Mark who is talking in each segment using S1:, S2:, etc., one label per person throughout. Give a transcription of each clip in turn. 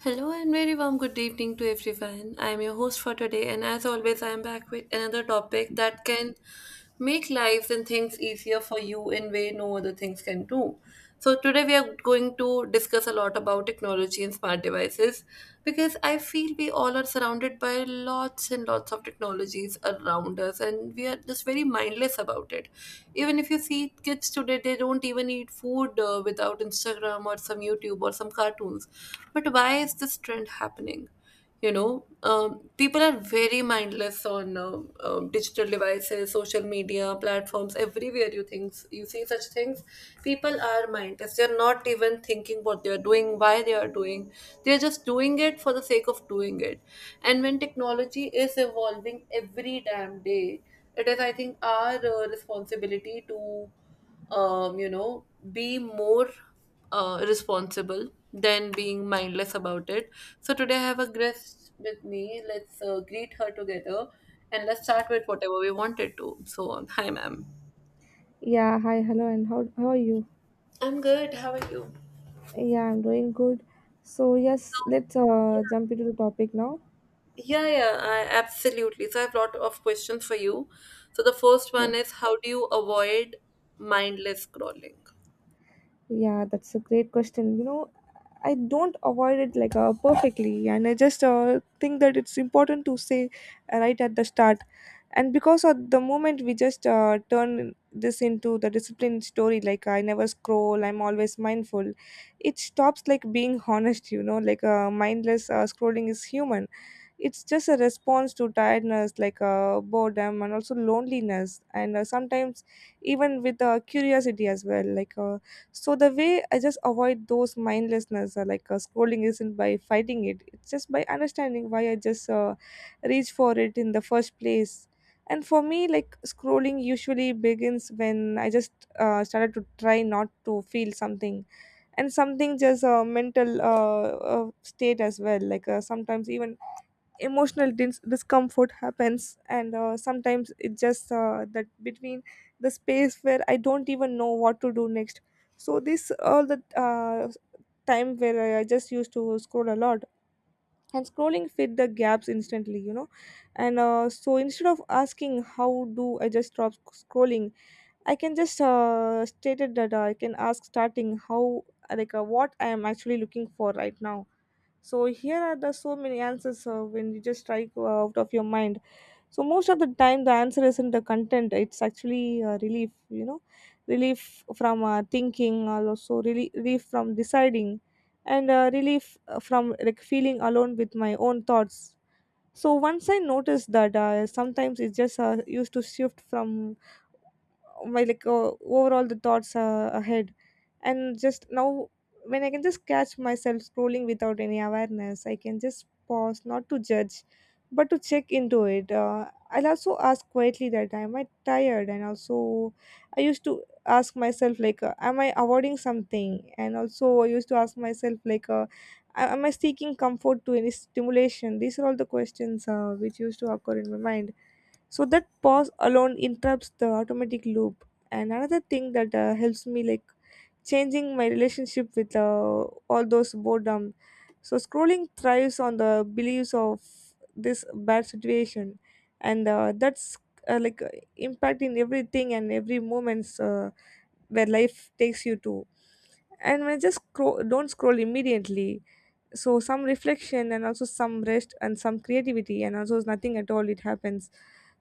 S1: Hello and very warm good evening to everyone. I am your host for today, and as always, I am back with another topic that can make lives and things easier for you in way no other things can do. So today we are going to discuss a lot about technology and smart devices because I feel we all are surrounded by lots and lots of technologies around us and we are just very mindless about it. Even if you see kids today, they don't even eat food without Instagram or some YouTube or some cartoons. But why is this trend happening? People are very mindless on digital devices, social media platforms, everywhere you things you see such things. People are mindless, they're not even thinking what they're doing, why they are doing. They're just doing it for the sake of doing it. And when technology is evolving every damn day, it is, I think, our responsibility to um, you know, be more responsible than being mindless about it. So today I have a guest with me. Let's greet her together and let's start with whatever we wanted to. So, hi, ma'am.
S2: Yeah, hi, hello, and how are you?
S1: I'm good. How are you?
S2: Yeah, I'm doing good. So yes, let's jump into the topic now.
S1: Yeah, yeah, I, absolutely. So I have a lot of questions for you. So the first one is, how do you avoid mindless scrolling?
S2: Yeah, that's a great question. You know, I don't avoid it like perfectly, and I just think that it's important to say right at the start. And because of the moment we just turn this into the disciplined story, like I never scroll, I'm always mindful, it stops like being honest. You know, like mindless scrolling is human, it's just a response to tiredness like boredom and also loneliness, and sometimes even with curiosity as well, like so the way I just avoid those mindlessness scrolling isn't by fighting it, it's just by understanding why I just reach for it in the first place. And for me, like scrolling usually begins when I just started to try not to feel something, and something just a mental state as well, like sometimes even emotional discomfort happens. And sometimes it's just that between the space where I don't even know what to do next. So this all the uh, time where I just used to scroll a lot, and scrolling fit the gaps instantly, you know. And so instead of asking how do I just stop scrolling, I can just stated that I can ask starting how, like what I am actually looking for right now. So here are the so many answers when you just strike out of your mind. So most of the time the answer isn't the content, it's actually relief, you know. Relief from thinking, and also really relief from deciding, and relief from like feeling alone with my own thoughts. So once I noticed that, sometimes it's just used to shift from my like overall the thoughts ahead and just now. When I can just catch myself scrolling without any awareness, I can just pause, not to judge but to check into it. I'll also ask quietly that am I tired, and also I used to ask myself like am I avoiding something, and also I used to ask myself like am I seeking comfort to any stimulation. These are all the questions which used to occur in my mind. So that pause alone interrupts the automatic loop. And another thing that helps me, like changing my relationship with all those boredom. So scrolling thrives on the beliefs of this bad situation. And that's like impact everything and every moments where life takes you to. And when I just scroll, don't scroll immediately. So some reflection, and also some rest, and some creativity, and also nothing at all, it happens.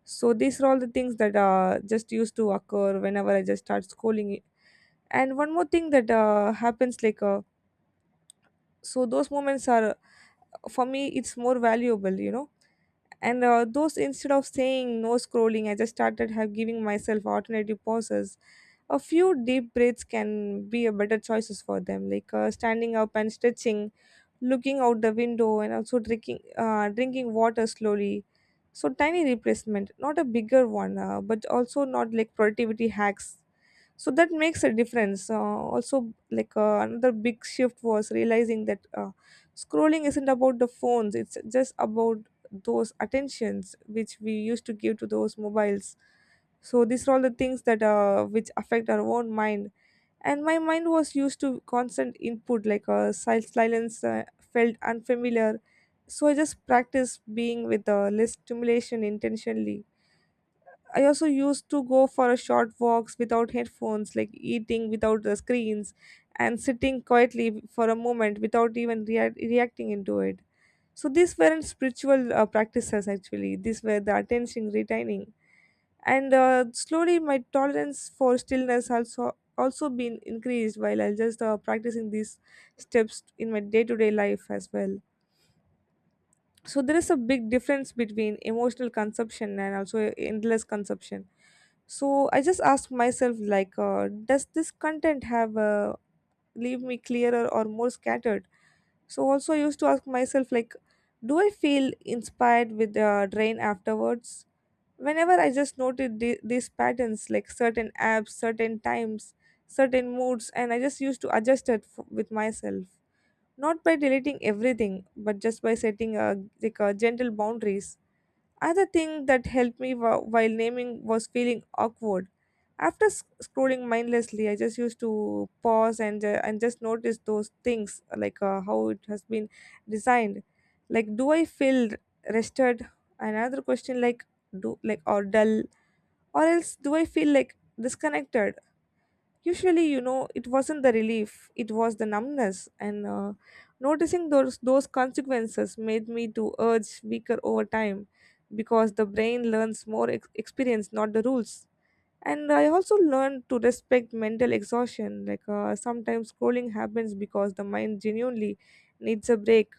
S2: So these are all the things that just used to occur whenever I just start scrolling it. And one more thing that happens, like so those moments are, for me, it's more valuable, you know. And those instead of saying no scrolling, I just started have giving myself alternative pauses. A few deep breaths can be a better choices for them, like standing up and stretching, looking out the window, and also drinking drinking water slowly. So tiny replacement, not a bigger one, but also not like productivity hacks. So that makes a difference. Also, like another big shift was realizing that scrolling isn't about the phones, it's just about those attentions which we used to give to those mobiles. So these are all the things that which affect our own mind. And my mind was used to constant input, like a silence felt unfamiliar. So I just practiced being with less stimulation intentionally. I also used to go for a short walks without headphones, like eating without the screens, and sitting quietly for a moment without even reacting into it. So these weren't spiritual practices, actually these were the attention retaining. And slowly my tolerance for stillness also been increased while I just practicing these steps in my day-to-day life as well. So there is a big difference between emotional consumption and also endless consumption. So I just ask myself like does this content have leave me clearer or more scattered. So also I used to ask myself like, do I feel inspired with the drain afterwards? Whenever I just noted these patterns, like certain apps, certain times, certain moods, and I just used to adjust it with myself, not by deleting everything, but just by setting a like a gentle boundaries. Another thing that helped me while naming was feeling awkward. After scrolling mindlessly, I just used to pause and just notice those things, like how it has been designed. Like, do I feel rested? Another question, like do like or dull, or else do I feel like disconnected? Usually, you know, it wasn't the relief, it was the numbness. And noticing those consequences made me to urge weaker over time, because the brain learns more experience, not the rules. And I also learned to respect mental exhaustion, like sometimes scrolling happens because the mind genuinely needs a break.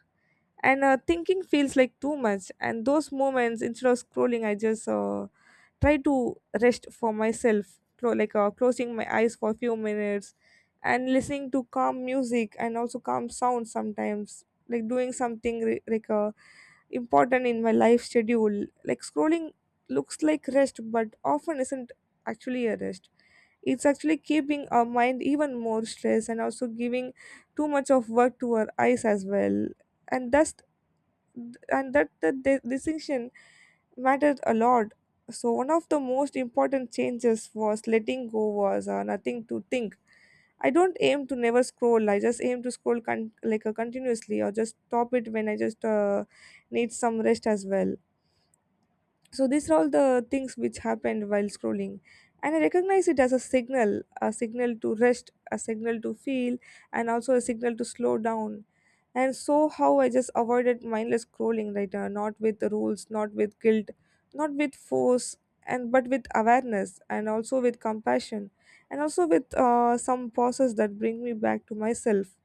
S2: And thinking feels like too much, and those moments instead of scrolling, I just try to rest for myself, closing my eyes for a few minutes, and listening to calm music, and also calm sounds, sometimes like doing something important in my life schedule. Like scrolling looks like rest but often isn't actually a rest. It's actually keeping our mind even more stressed, and also giving too much of work to our eyes as well. And thus, and that the distinction mattered a lot. So one of the most important changes was letting go, was nothing to think. I don't aim to never scroll. I just aim to scroll continuously, or just stop it when I just need some rest as well. So these are all the things which happened while scrolling. And I recognize it as a signal to rest, a signal to feel, and also a signal to slow down. And so how I just avoided mindless scrolling right now, not with the rules, not with guilt, not with force, and but with awareness, and also with compassion, and also with some pauses that bring me back to myself.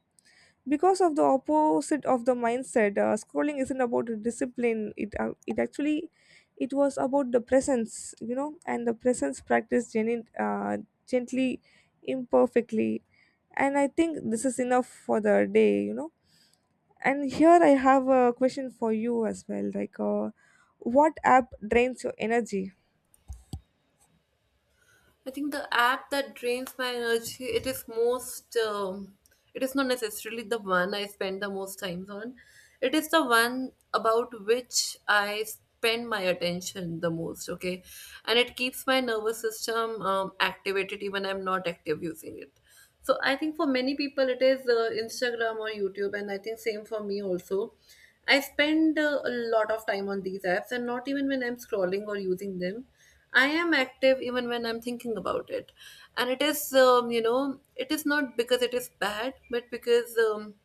S2: Because of the opposite of the mindset, scrolling isn't about a discipline, it actually, it was about the presence, you know. And the presence practice, gently, imperfectly. And I think this is enough for the day, you know. And here I have a question for you as well. Like, what app drains your energy?
S1: I think the app that drains my energy, it is most, it is not necessarily the one I spend the most times on. It is the one about which I spend my attention the most, okay? And it keeps my nervous system activated even I'm not active using it. So I think for many people it is Instagram or YouTube, and I think same for me also. I spend a lot of time on these apps, and not even when I'm scrolling or using them. I am active even when I'm thinking about it. And it is, it is not because it is bad, but because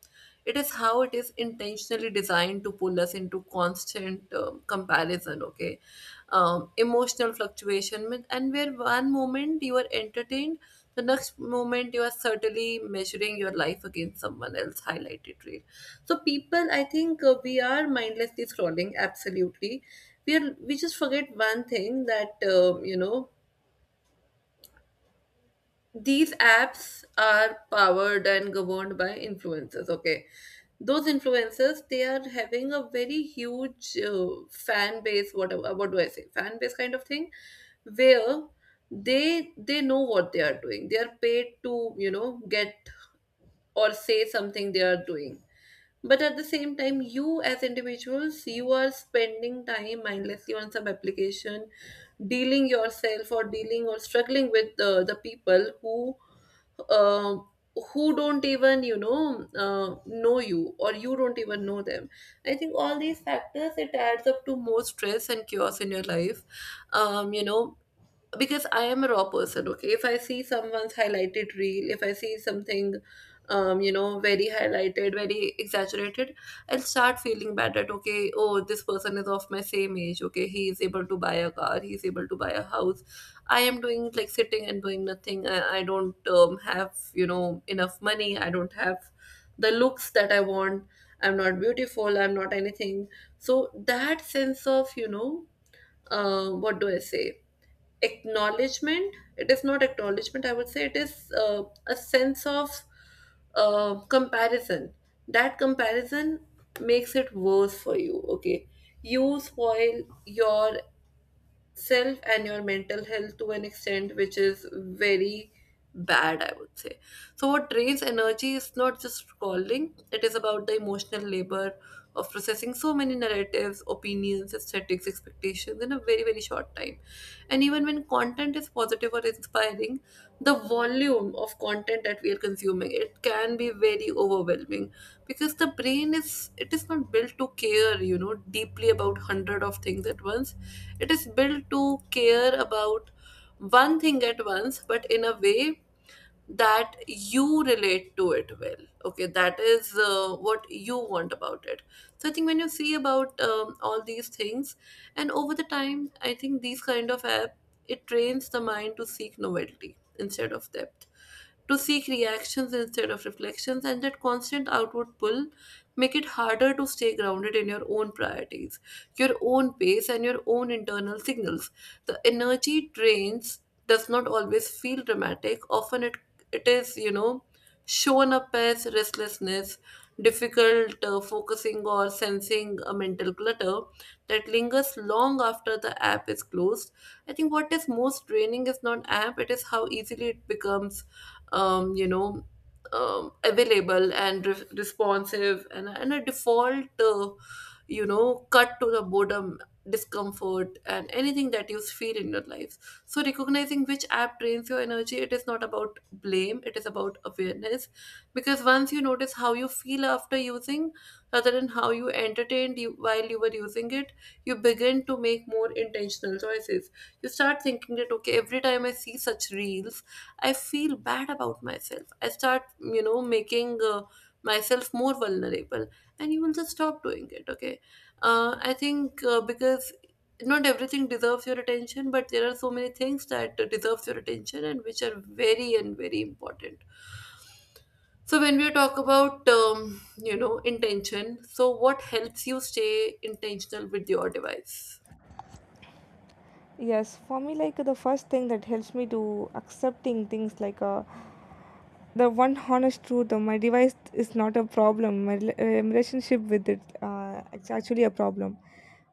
S1: it is how it is intentionally designed to pull us into constant comparison, okay? Emotional fluctuation, and where one moment you are entertained, the next moment, you are certainly measuring your life against someone else highlighted reel. So, people, I think we are mindlessly scrolling. Absolutely, we are. We just forget one thing that these apps are powered and governed by influencers. Okay, those influencers, they are having a very huge fan base. Whatever, what do I say? Fan base kind of thing, where they know what they are doing, they are paid to, you know, get or say something they are doing. But at the same time, you as individuals, you are spending time mindlessly on some application, dealing yourself or dealing or struggling with the people uh, who don't even, you know, know you, or you don't even know them. I think all these factors, it adds up to more stress and chaos in your life. um, you know because I am a raw person, okay? If I see someone's highlighted reel, if I see something, very highlighted, very exaggerated, I'll start feeling bad that, okay, oh, this person is of my same age, okay? He is able to buy a car, he is able to buy a house. I am doing like sitting and doing nothing. I don't have, you know, enough money. I don't have the looks that I want. I'm not beautiful. I'm not anything. So that sense of, you know, what do I say? Acknowledgement. It is not acknowledgement, I would say. It is a sense of comparison. That comparison makes it worse for you, okay? You spoil your self and your mental health to an extent which is very bad, I would say. So what drains energy is not just scrolling, it is about the emotional labor of processing so many narratives, opinions, aesthetics, expectations in a very, very short time. And even when content is positive or inspiring, the volume of content that we are consuming, it can be very overwhelming. Because the brain is, it is not built to care, you know, deeply about hundred of things at once. It is built to care about one thing at once, but in a way that you relate to it well, okay? That is what you want about it. So I think when you see about all these things, and over the time, I think these kind of app, it trains the mind to seek novelty instead of depth, to seek reactions instead of reflections, and that constant outward pull make it harder to stay grounded in your own priorities, your own pace, and your own internal signals. The energy drains does not always feel dramatic. Often it, it is, you know, shown up as restlessness, difficult focusing, or sensing a mental clutter that lingers long after the app is closed. I think what is most draining is not app; it is how easily it becomes, um, you know, available and responsive, and a default, cut to the boredom, discomfort, and anything that you feel in your life. So, recognizing which app drains your energy, it is not about blame, it is about awareness. Because once you notice how you feel after using, rather than how you entertained you while you were using it, you begin to make more intentional choices. You start thinking that, okay, every time I see such reels, I feel bad about myself. I start, you know, making myself more vulnerable, and you will just stop doing it. Okay, I think because not everything deserves your attention, but there are so many things that deserves your attention and which are very and very important. So when we talk about intention, so what helps you stay intentional with your device?
S2: Yes, for me, like the first thing that helps me to accepting things, like the one honest truth though, my device is not a problem, my relationship with it, it's actually a problem.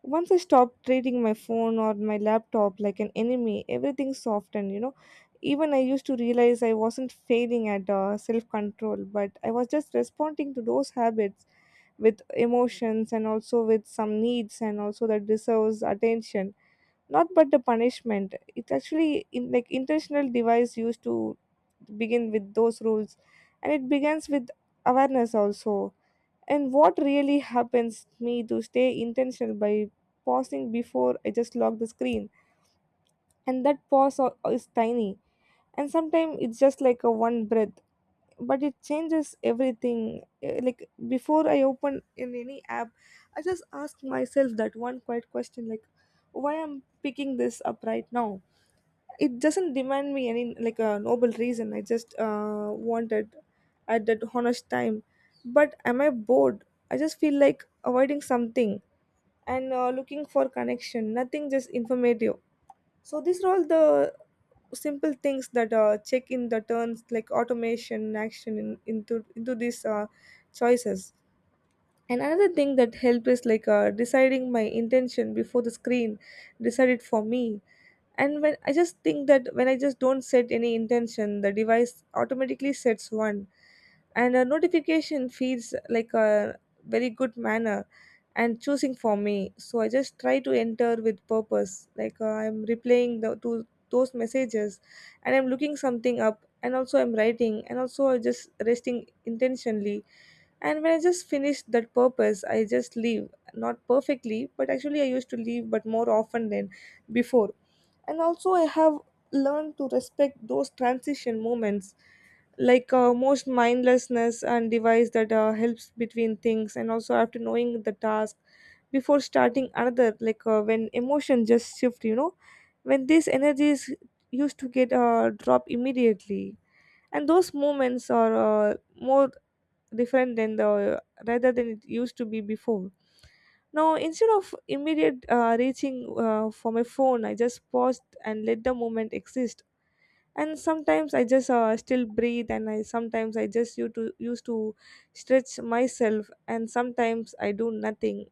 S2: Once I stopped treating my phone or my laptop like an enemy, everything softened, you know. Even I used to realize I wasn't failing at self-control, but I was just responding to those habits with emotions, and also with some needs, and also that deserves attention, not but the punishment. It's actually in like intentional device used to begin with those rules, and it begins with awareness also. And what really happens me to stay intentional by pausing before I just lock the screen. And that is tiny, and sometimes it's just like a one breath, but it changes everything. Like before I open in any app, I just ask myself that one quiet question, like why I'm picking this up right now. It doesn't demand me any like a noble reason, I just wanted at that honest time. But am I bored? I just feel like avoiding something, and looking for connection, nothing just informative. So these are all the simple things that check in the turns, like automation action in, into these choices. And another thing that help is like deciding my intention before the screen decided for me. And when I just think that when I just don't set any intention, the device automatically sets one, and a notification feels like a very good manner and choosing for me. So I just try to enter with purpose, like I'm replaying the to those messages, and I'm looking something up, and also I'm writing, and also I just resting intentionally. And when I just finish that purpose, I just leave, not perfectly, but actually I used to leave, but more often than before. And also I have learned To respect those transition moments, like most mindlessness and device that helps between things and also after knowing the task before starting another, like when emotion just shift, you know, when these energies used to get drop immediately. And those moments are more different than the rather than it used to be before. Now instead of immediate reaching for my phone, I just paused and let the moment exist. And sometimes I just still breathe, and I sometimes I just used to stretch myself, and sometimes I do nothing.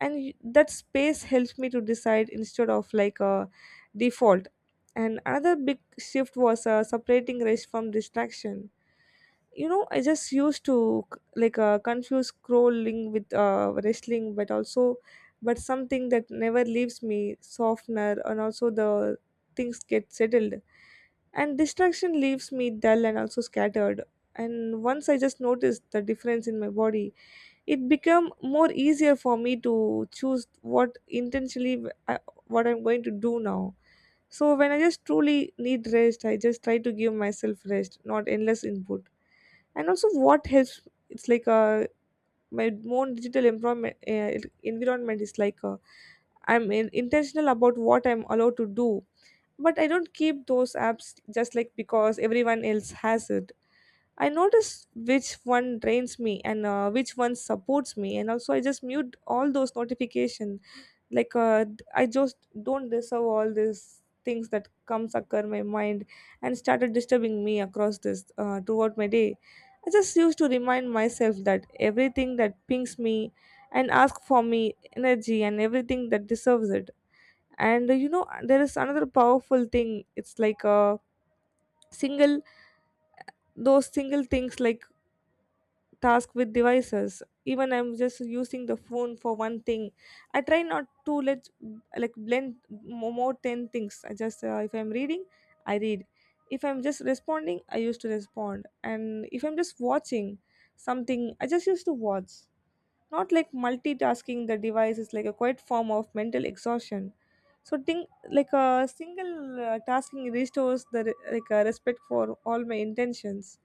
S2: And that space helps me to decide instead of like a default. And another big shift was separating rest from distraction. You know, I just used to like confuse scrolling with wrestling, but also, but something that never leaves me softener, and also the things get settled. And distraction leaves me dull and also scattered. And once I just noticed the difference in my body, it became more easier for me to choose what intentionally what I'm going to do now. So when I just truly need rest, I just try to give myself rest, not endless input. And also what helps, it's like my more digital environment is like I'm intentional about what I'm allowed to do, but I don't keep those apps just like because everyone else has it. I notice which one drains me and which one supports me, and also I just mute all those notifications. Like I just don't deserve all these things that comes occur my mind and started disturbing me across this throughout my day. I just used to remind myself that everything that pings me and ask for me energy and everything that deserves it. And you know, there is another powerful thing. It's like a single, those single things like task with devices. Even I'm just using the phone for one thing, I try not to let like blend more 10 things. I just if I'm reading, I read. If I'm just responding, I used to respond. And if I'm just watching something, I just used to watch, not like multitasking. The device is like a quiet form of mental exhaustion. So think like a single tasking restores the like a respect for all my intentions.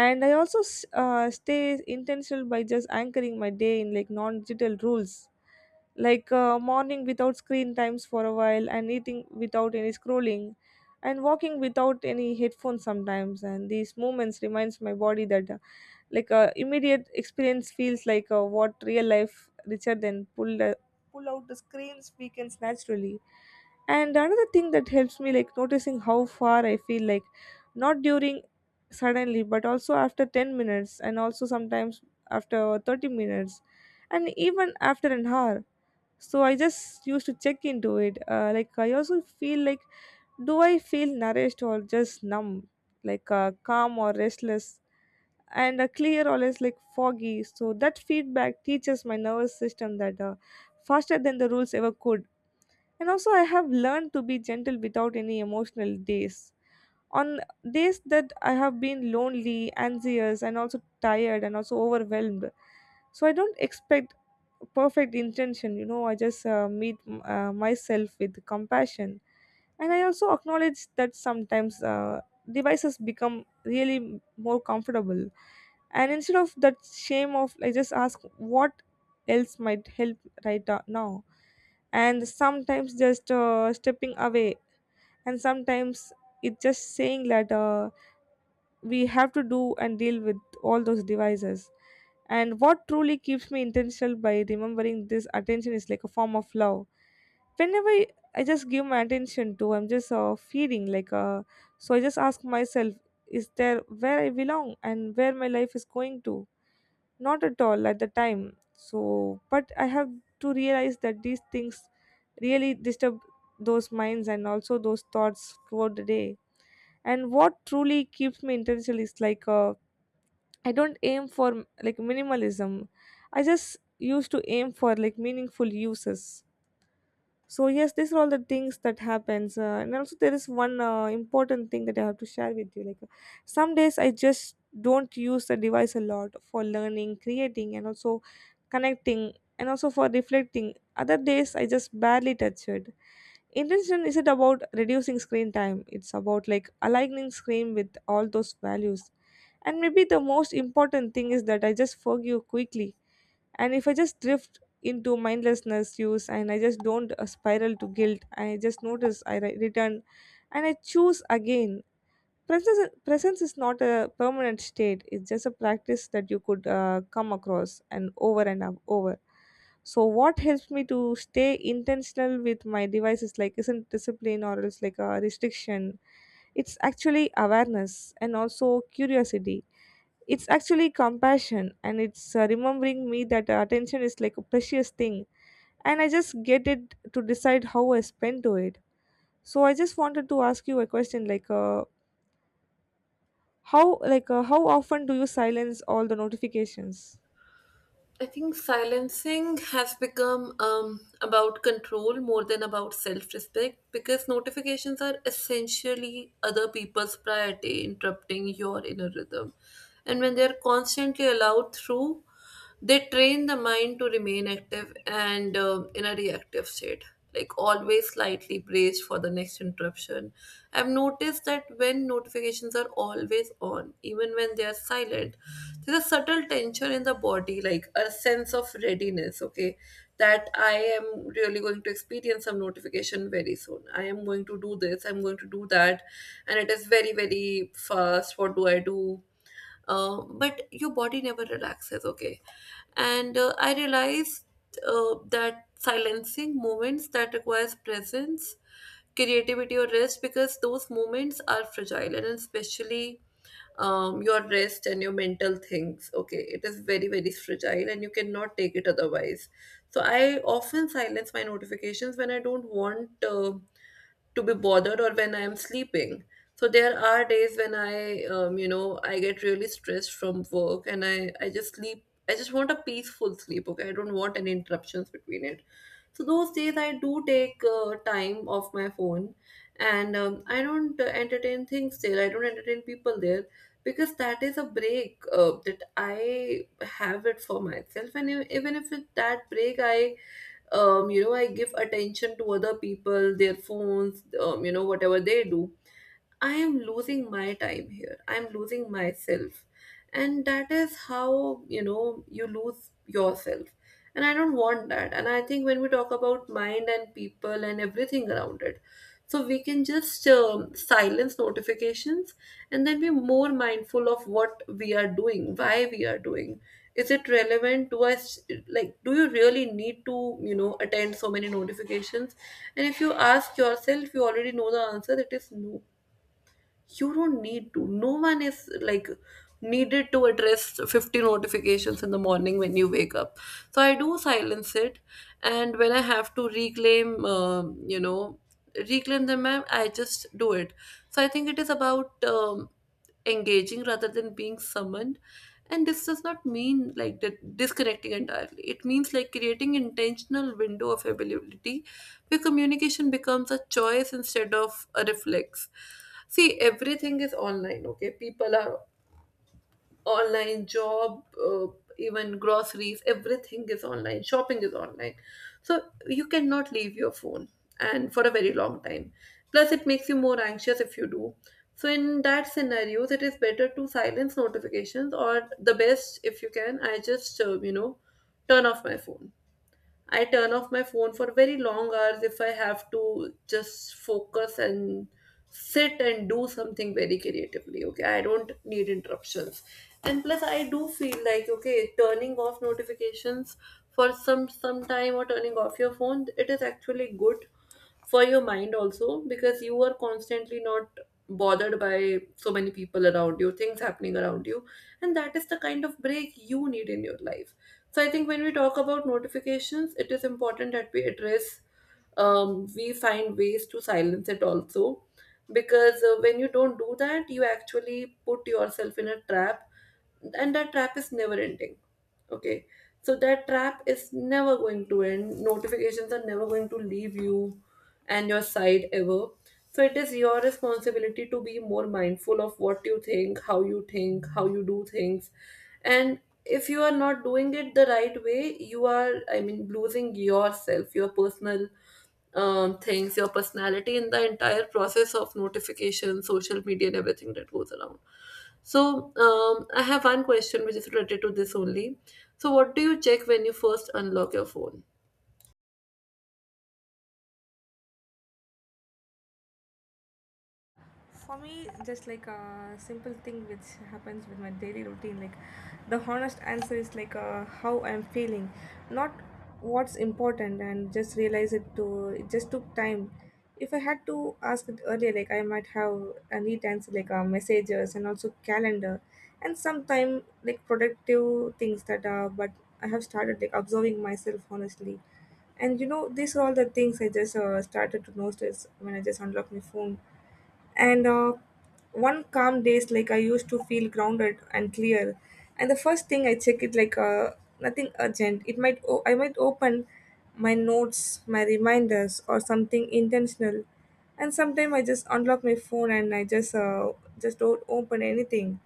S2: And I also stay intentional by just anchoring my day in like non-digital rules. Like morning without screen times for a while, and eating without any scrolling, and walking without any headphones sometimes. And these moments reminds my body that like a immediate experience feels like a what real life richer than pull out the screens weekends naturally. And another thing that helps me like noticing how far I feel, like not during suddenly, but also after 10 minutes, and also sometimes after 30 minutes, and even after an hour. So I just used to check into it, like I also feel like, do I feel nourished or just numb, like calm or restless, and clear always like foggy. So that feedback teaches my nervous system that faster than the rules ever could. And also I have learned to be gentle without any emotional days. On days that I have been lonely, anxious, and also tired, and also overwhelmed, so I don't expect perfect intention. You know, I just meet myself with compassion. And I also acknowledge that sometimes devices become really more comfortable. And instead of that shame of, I just ask what else might help right now. And sometimes just stepping away, and sometimes it's just saying that we have to do and deal with all those devices. And what truly keeps me intentional by remembering this attention is like a form of love. Whenever I just give my attention to, I'm just feeding like so I just ask myself, is there where I belong and where my life is going to? Not at all at the time. So, but I have to realize that these things really disturb those minds and also those thoughts throughout the day. And what truly keeps me intentional is like I don't aim for like minimalism. I just used to aim for like meaningful uses. So yes, these are all the things that happens, and also there is one important thing that I have to share with you. Like, some days I just don't use the device a lot for learning, creating, and also connecting, and also for reflecting. Other days I just barely touch it. Intention isn't about reducing screen time. It's about like aligning screen with all those values. And maybe the most important thing is that I just forgive quickly. And if I just drift into mindlessness use, and I just don't spiral to guilt, I just notice, I return, and I choose again. Presence, presence is not a permanent state. It's just a practice that you could come across and over and over. So what helps me to stay intentional with my device is like, isn't discipline or it's like a restriction. It's actually awareness and also curiosity. It's actually compassion, and it's remembering me that attention is like a precious thing, and I just get it to decide how I spend to it. So I just wanted to ask you a question, like how, like how often do you silence all the notifications?
S1: I think silencing has become about control more than about self respect, because notifications are essentially other people's priority, interrupting your inner rhythm. And when they are constantly allowed through, they train the mind to remain active and in a reactive state, like always slightly braced for the next interruption. I've noticed that when notifications are always on, even when they are silent, there's a subtle tension in the body, like a sense of readiness, okay, that I am really going to experience some notification very soon. I am going to do this, I'm going to do that, and it is very, very fast. What do I do? But your body never relaxes, okay. And I realized that silencing moments that requires presence, creativity or rest, because those moments are fragile, and especially your rest and your mental things, okay, it is very, very fragile and you cannot take it otherwise. So I often silence my notifications when I don't want to be bothered or when I'm sleeping. So there are days when I, I get really stressed from work and I just sleep. I just want a peaceful sleep, okay? I don't want any interruptions between it. So those days I do take time off my phone, and I don't entertain things there. I don't entertain people there because that is a break that I have it for myself. And even if it, that break, I I give attention to other people, their phones, whatever they do, I am losing my time here. I'm losing myself. And that is how, you know, you lose yourself. And I don't want that. And I think when we talk about mind and people and everything around it, so we can just silence notifications and then be more mindful of what we are doing, why we are doing. Is it relevant? Do I, like, do you really need to, you know, attend so many notifications? And if you ask yourself, you already know the answer, it is no. You don't need to. No one is like needed to address 50 notifications in the morning when you wake up. So I do silence it. And when I have to reclaim, reclaim them, ma'am, I just do it. So I think it is about engaging rather than being summoned. And this does not mean like that disconnecting entirely. It means like creating intentional window of availability, where communication becomes a choice instead of a reflex. See, everything is online, okay? People are online, job, even groceries, everything is online, shopping is online. So you cannot leave your phone and for a very long time. Plus, it makes you more anxious if you do. So in that scenarios, it is better to silence notifications, or the best, if you can, I just turn off my phone. I turn off my phone for very long hours if I have to just focus and sit and do something very creatively. Okay, I don't need interruptions. And plus, I do feel like okay, turning off notifications for some time, or turning off your phone, it is actually good for your mind also, because you are constantly not bothered by so many people around you, things happening around you, and that is the kind of break you need in your life. So I think when we talk about notifications, it is important that we address, we find ways to silence it also. Because when you don't do that, you actually put yourself in a trap, and that trap is never ending. Okay, so that trap is never going to end. Notifications are never going to leave you and your side ever. So it is your responsibility to be more mindful of what you think, how you think, how you do things. And if you are not doing it the right way, you are, I mean, losing yourself, your personal things, your personality in the entire process of notification, social media, and everything that goes around. So I have one question which is related to this only. So, what do you check when you first unlock your phone?
S2: For me, just like a simple thing which happens with my daily routine, like the honest answer is like how I'm feeling, not what's important, and just realize it to, it just took time. If I had to ask it earlier, like I might have a neat answer, like messages and also calendar, and sometime like productive things that are. But I have started like observing myself honestly, and you know these are all the things I just started to notice when I just unlock my phone. And one calm days, like I used to feel grounded and clear. And the first thing I check it, like nothing urgent. It might I might open my notes, my reminders, or something intentional. And sometimes I just unlock my phone, and I just don't open anything.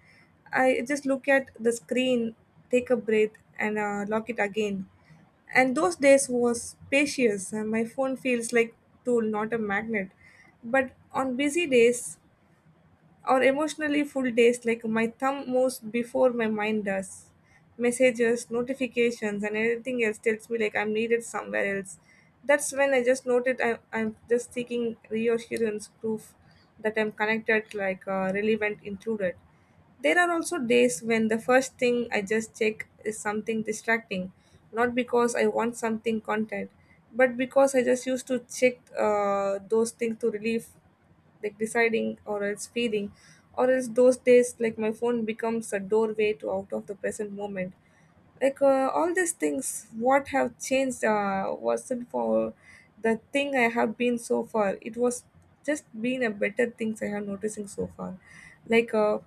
S2: I just look at the screen, take a breath, and lock it again. And those days was spacious, and my phone feels like tool, not a magnet. But on busy days or emotionally full days, like my thumb moves before my mind does. Messages, notifications, and anything else tells me like I'm needed somewhere else. That's when I just noted, I'm just seeking reassurance, proof that I'm connected, like relevant, included. There are also days when the first thing I just check is something distracting, not because I want something content, but because I just used to check those things to relieve like deciding, or else feeling, or else those days like my phone becomes a doorway to out of the present moment. Like all these things what have changed wasn't for the thing I have been so far. It was just been a better things I have noticing so far. Like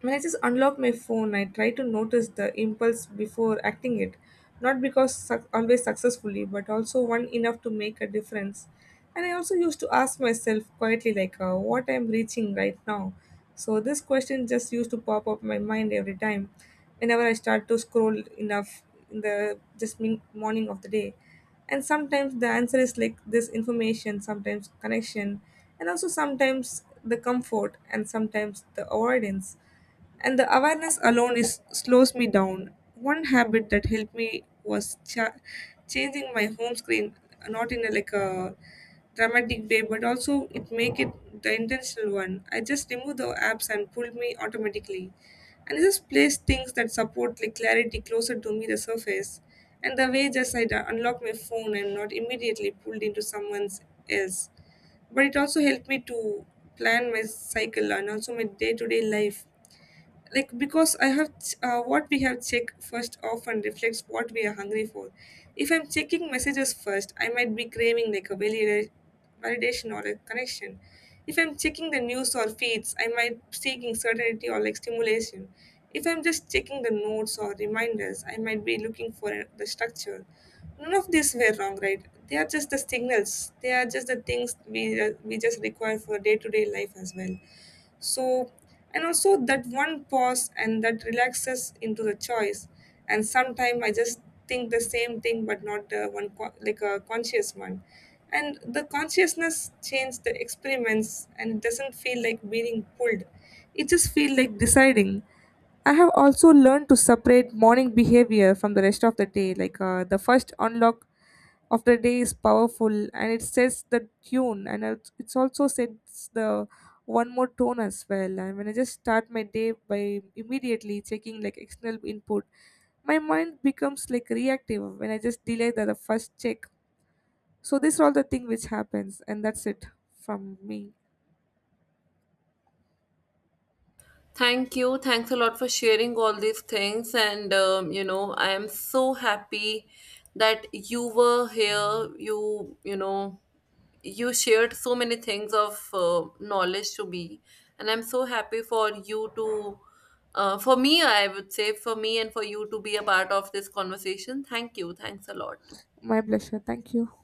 S2: when I just unlock my phone, I try to notice the impulse before acting it, not because suc always successfully, but also one enough to make a difference. And I also used to ask myself quietly, like, what I'm reaching right now. So this question just used to pop up my mind every time, whenever I start to scroll enough in the just morning of the day. And sometimes the answer is like this information, sometimes connection, and also sometimes the comfort, and sometimes the avoidance. And the awareness alone is slows me down. One habit that helped me was changing my home screen, not in a, like a dramatic way, but also it make it the intentional one. I just remove the apps and pulled me automatically, and I just place things that support like clarity closer to me the surface. And the way just I unlock my phone and not immediately pulled into someone's else, but it also helped me to plan my cycle and also my day-to-day life. Like because I have what we have checked first often reflects what we are hungry for. If I'm checking messages first, I might be craving like a validation or a connection. If I'm checking the news or feeds, I might be seeking certainty or like stimulation. If I'm just checking the notes or reminders, I might be looking for the structure. None of these were wrong, right? They are just the signals. They are just the things we just require for day-to-day life as well. So, and also that one pause and that relaxes into the choice. And sometimes I just think the same thing, but not one like a conscious one. And the consciousness changes the experiments, and it doesn't feel like being pulled. It just feels like deciding. I have also learned to separate morning behavior from the rest of the day. Like the first unlock of the day is powerful, and it sets the tune, and it's also sets the one more tone as well. And when I just start my day by immediately checking like external input, my mind becomes like reactive when I just delay the first check. So this is all the thing which happens, and that's it from me.
S1: Thank you. Thanks a lot for sharing all these things. And, I am so happy that you were here. You know, you shared so many things of knowledge to me. And I'm so happy for you to, for me, I would say, for me and for you to be a part of this conversation. Thank you. Thanks a lot.
S2: My pleasure, thank you.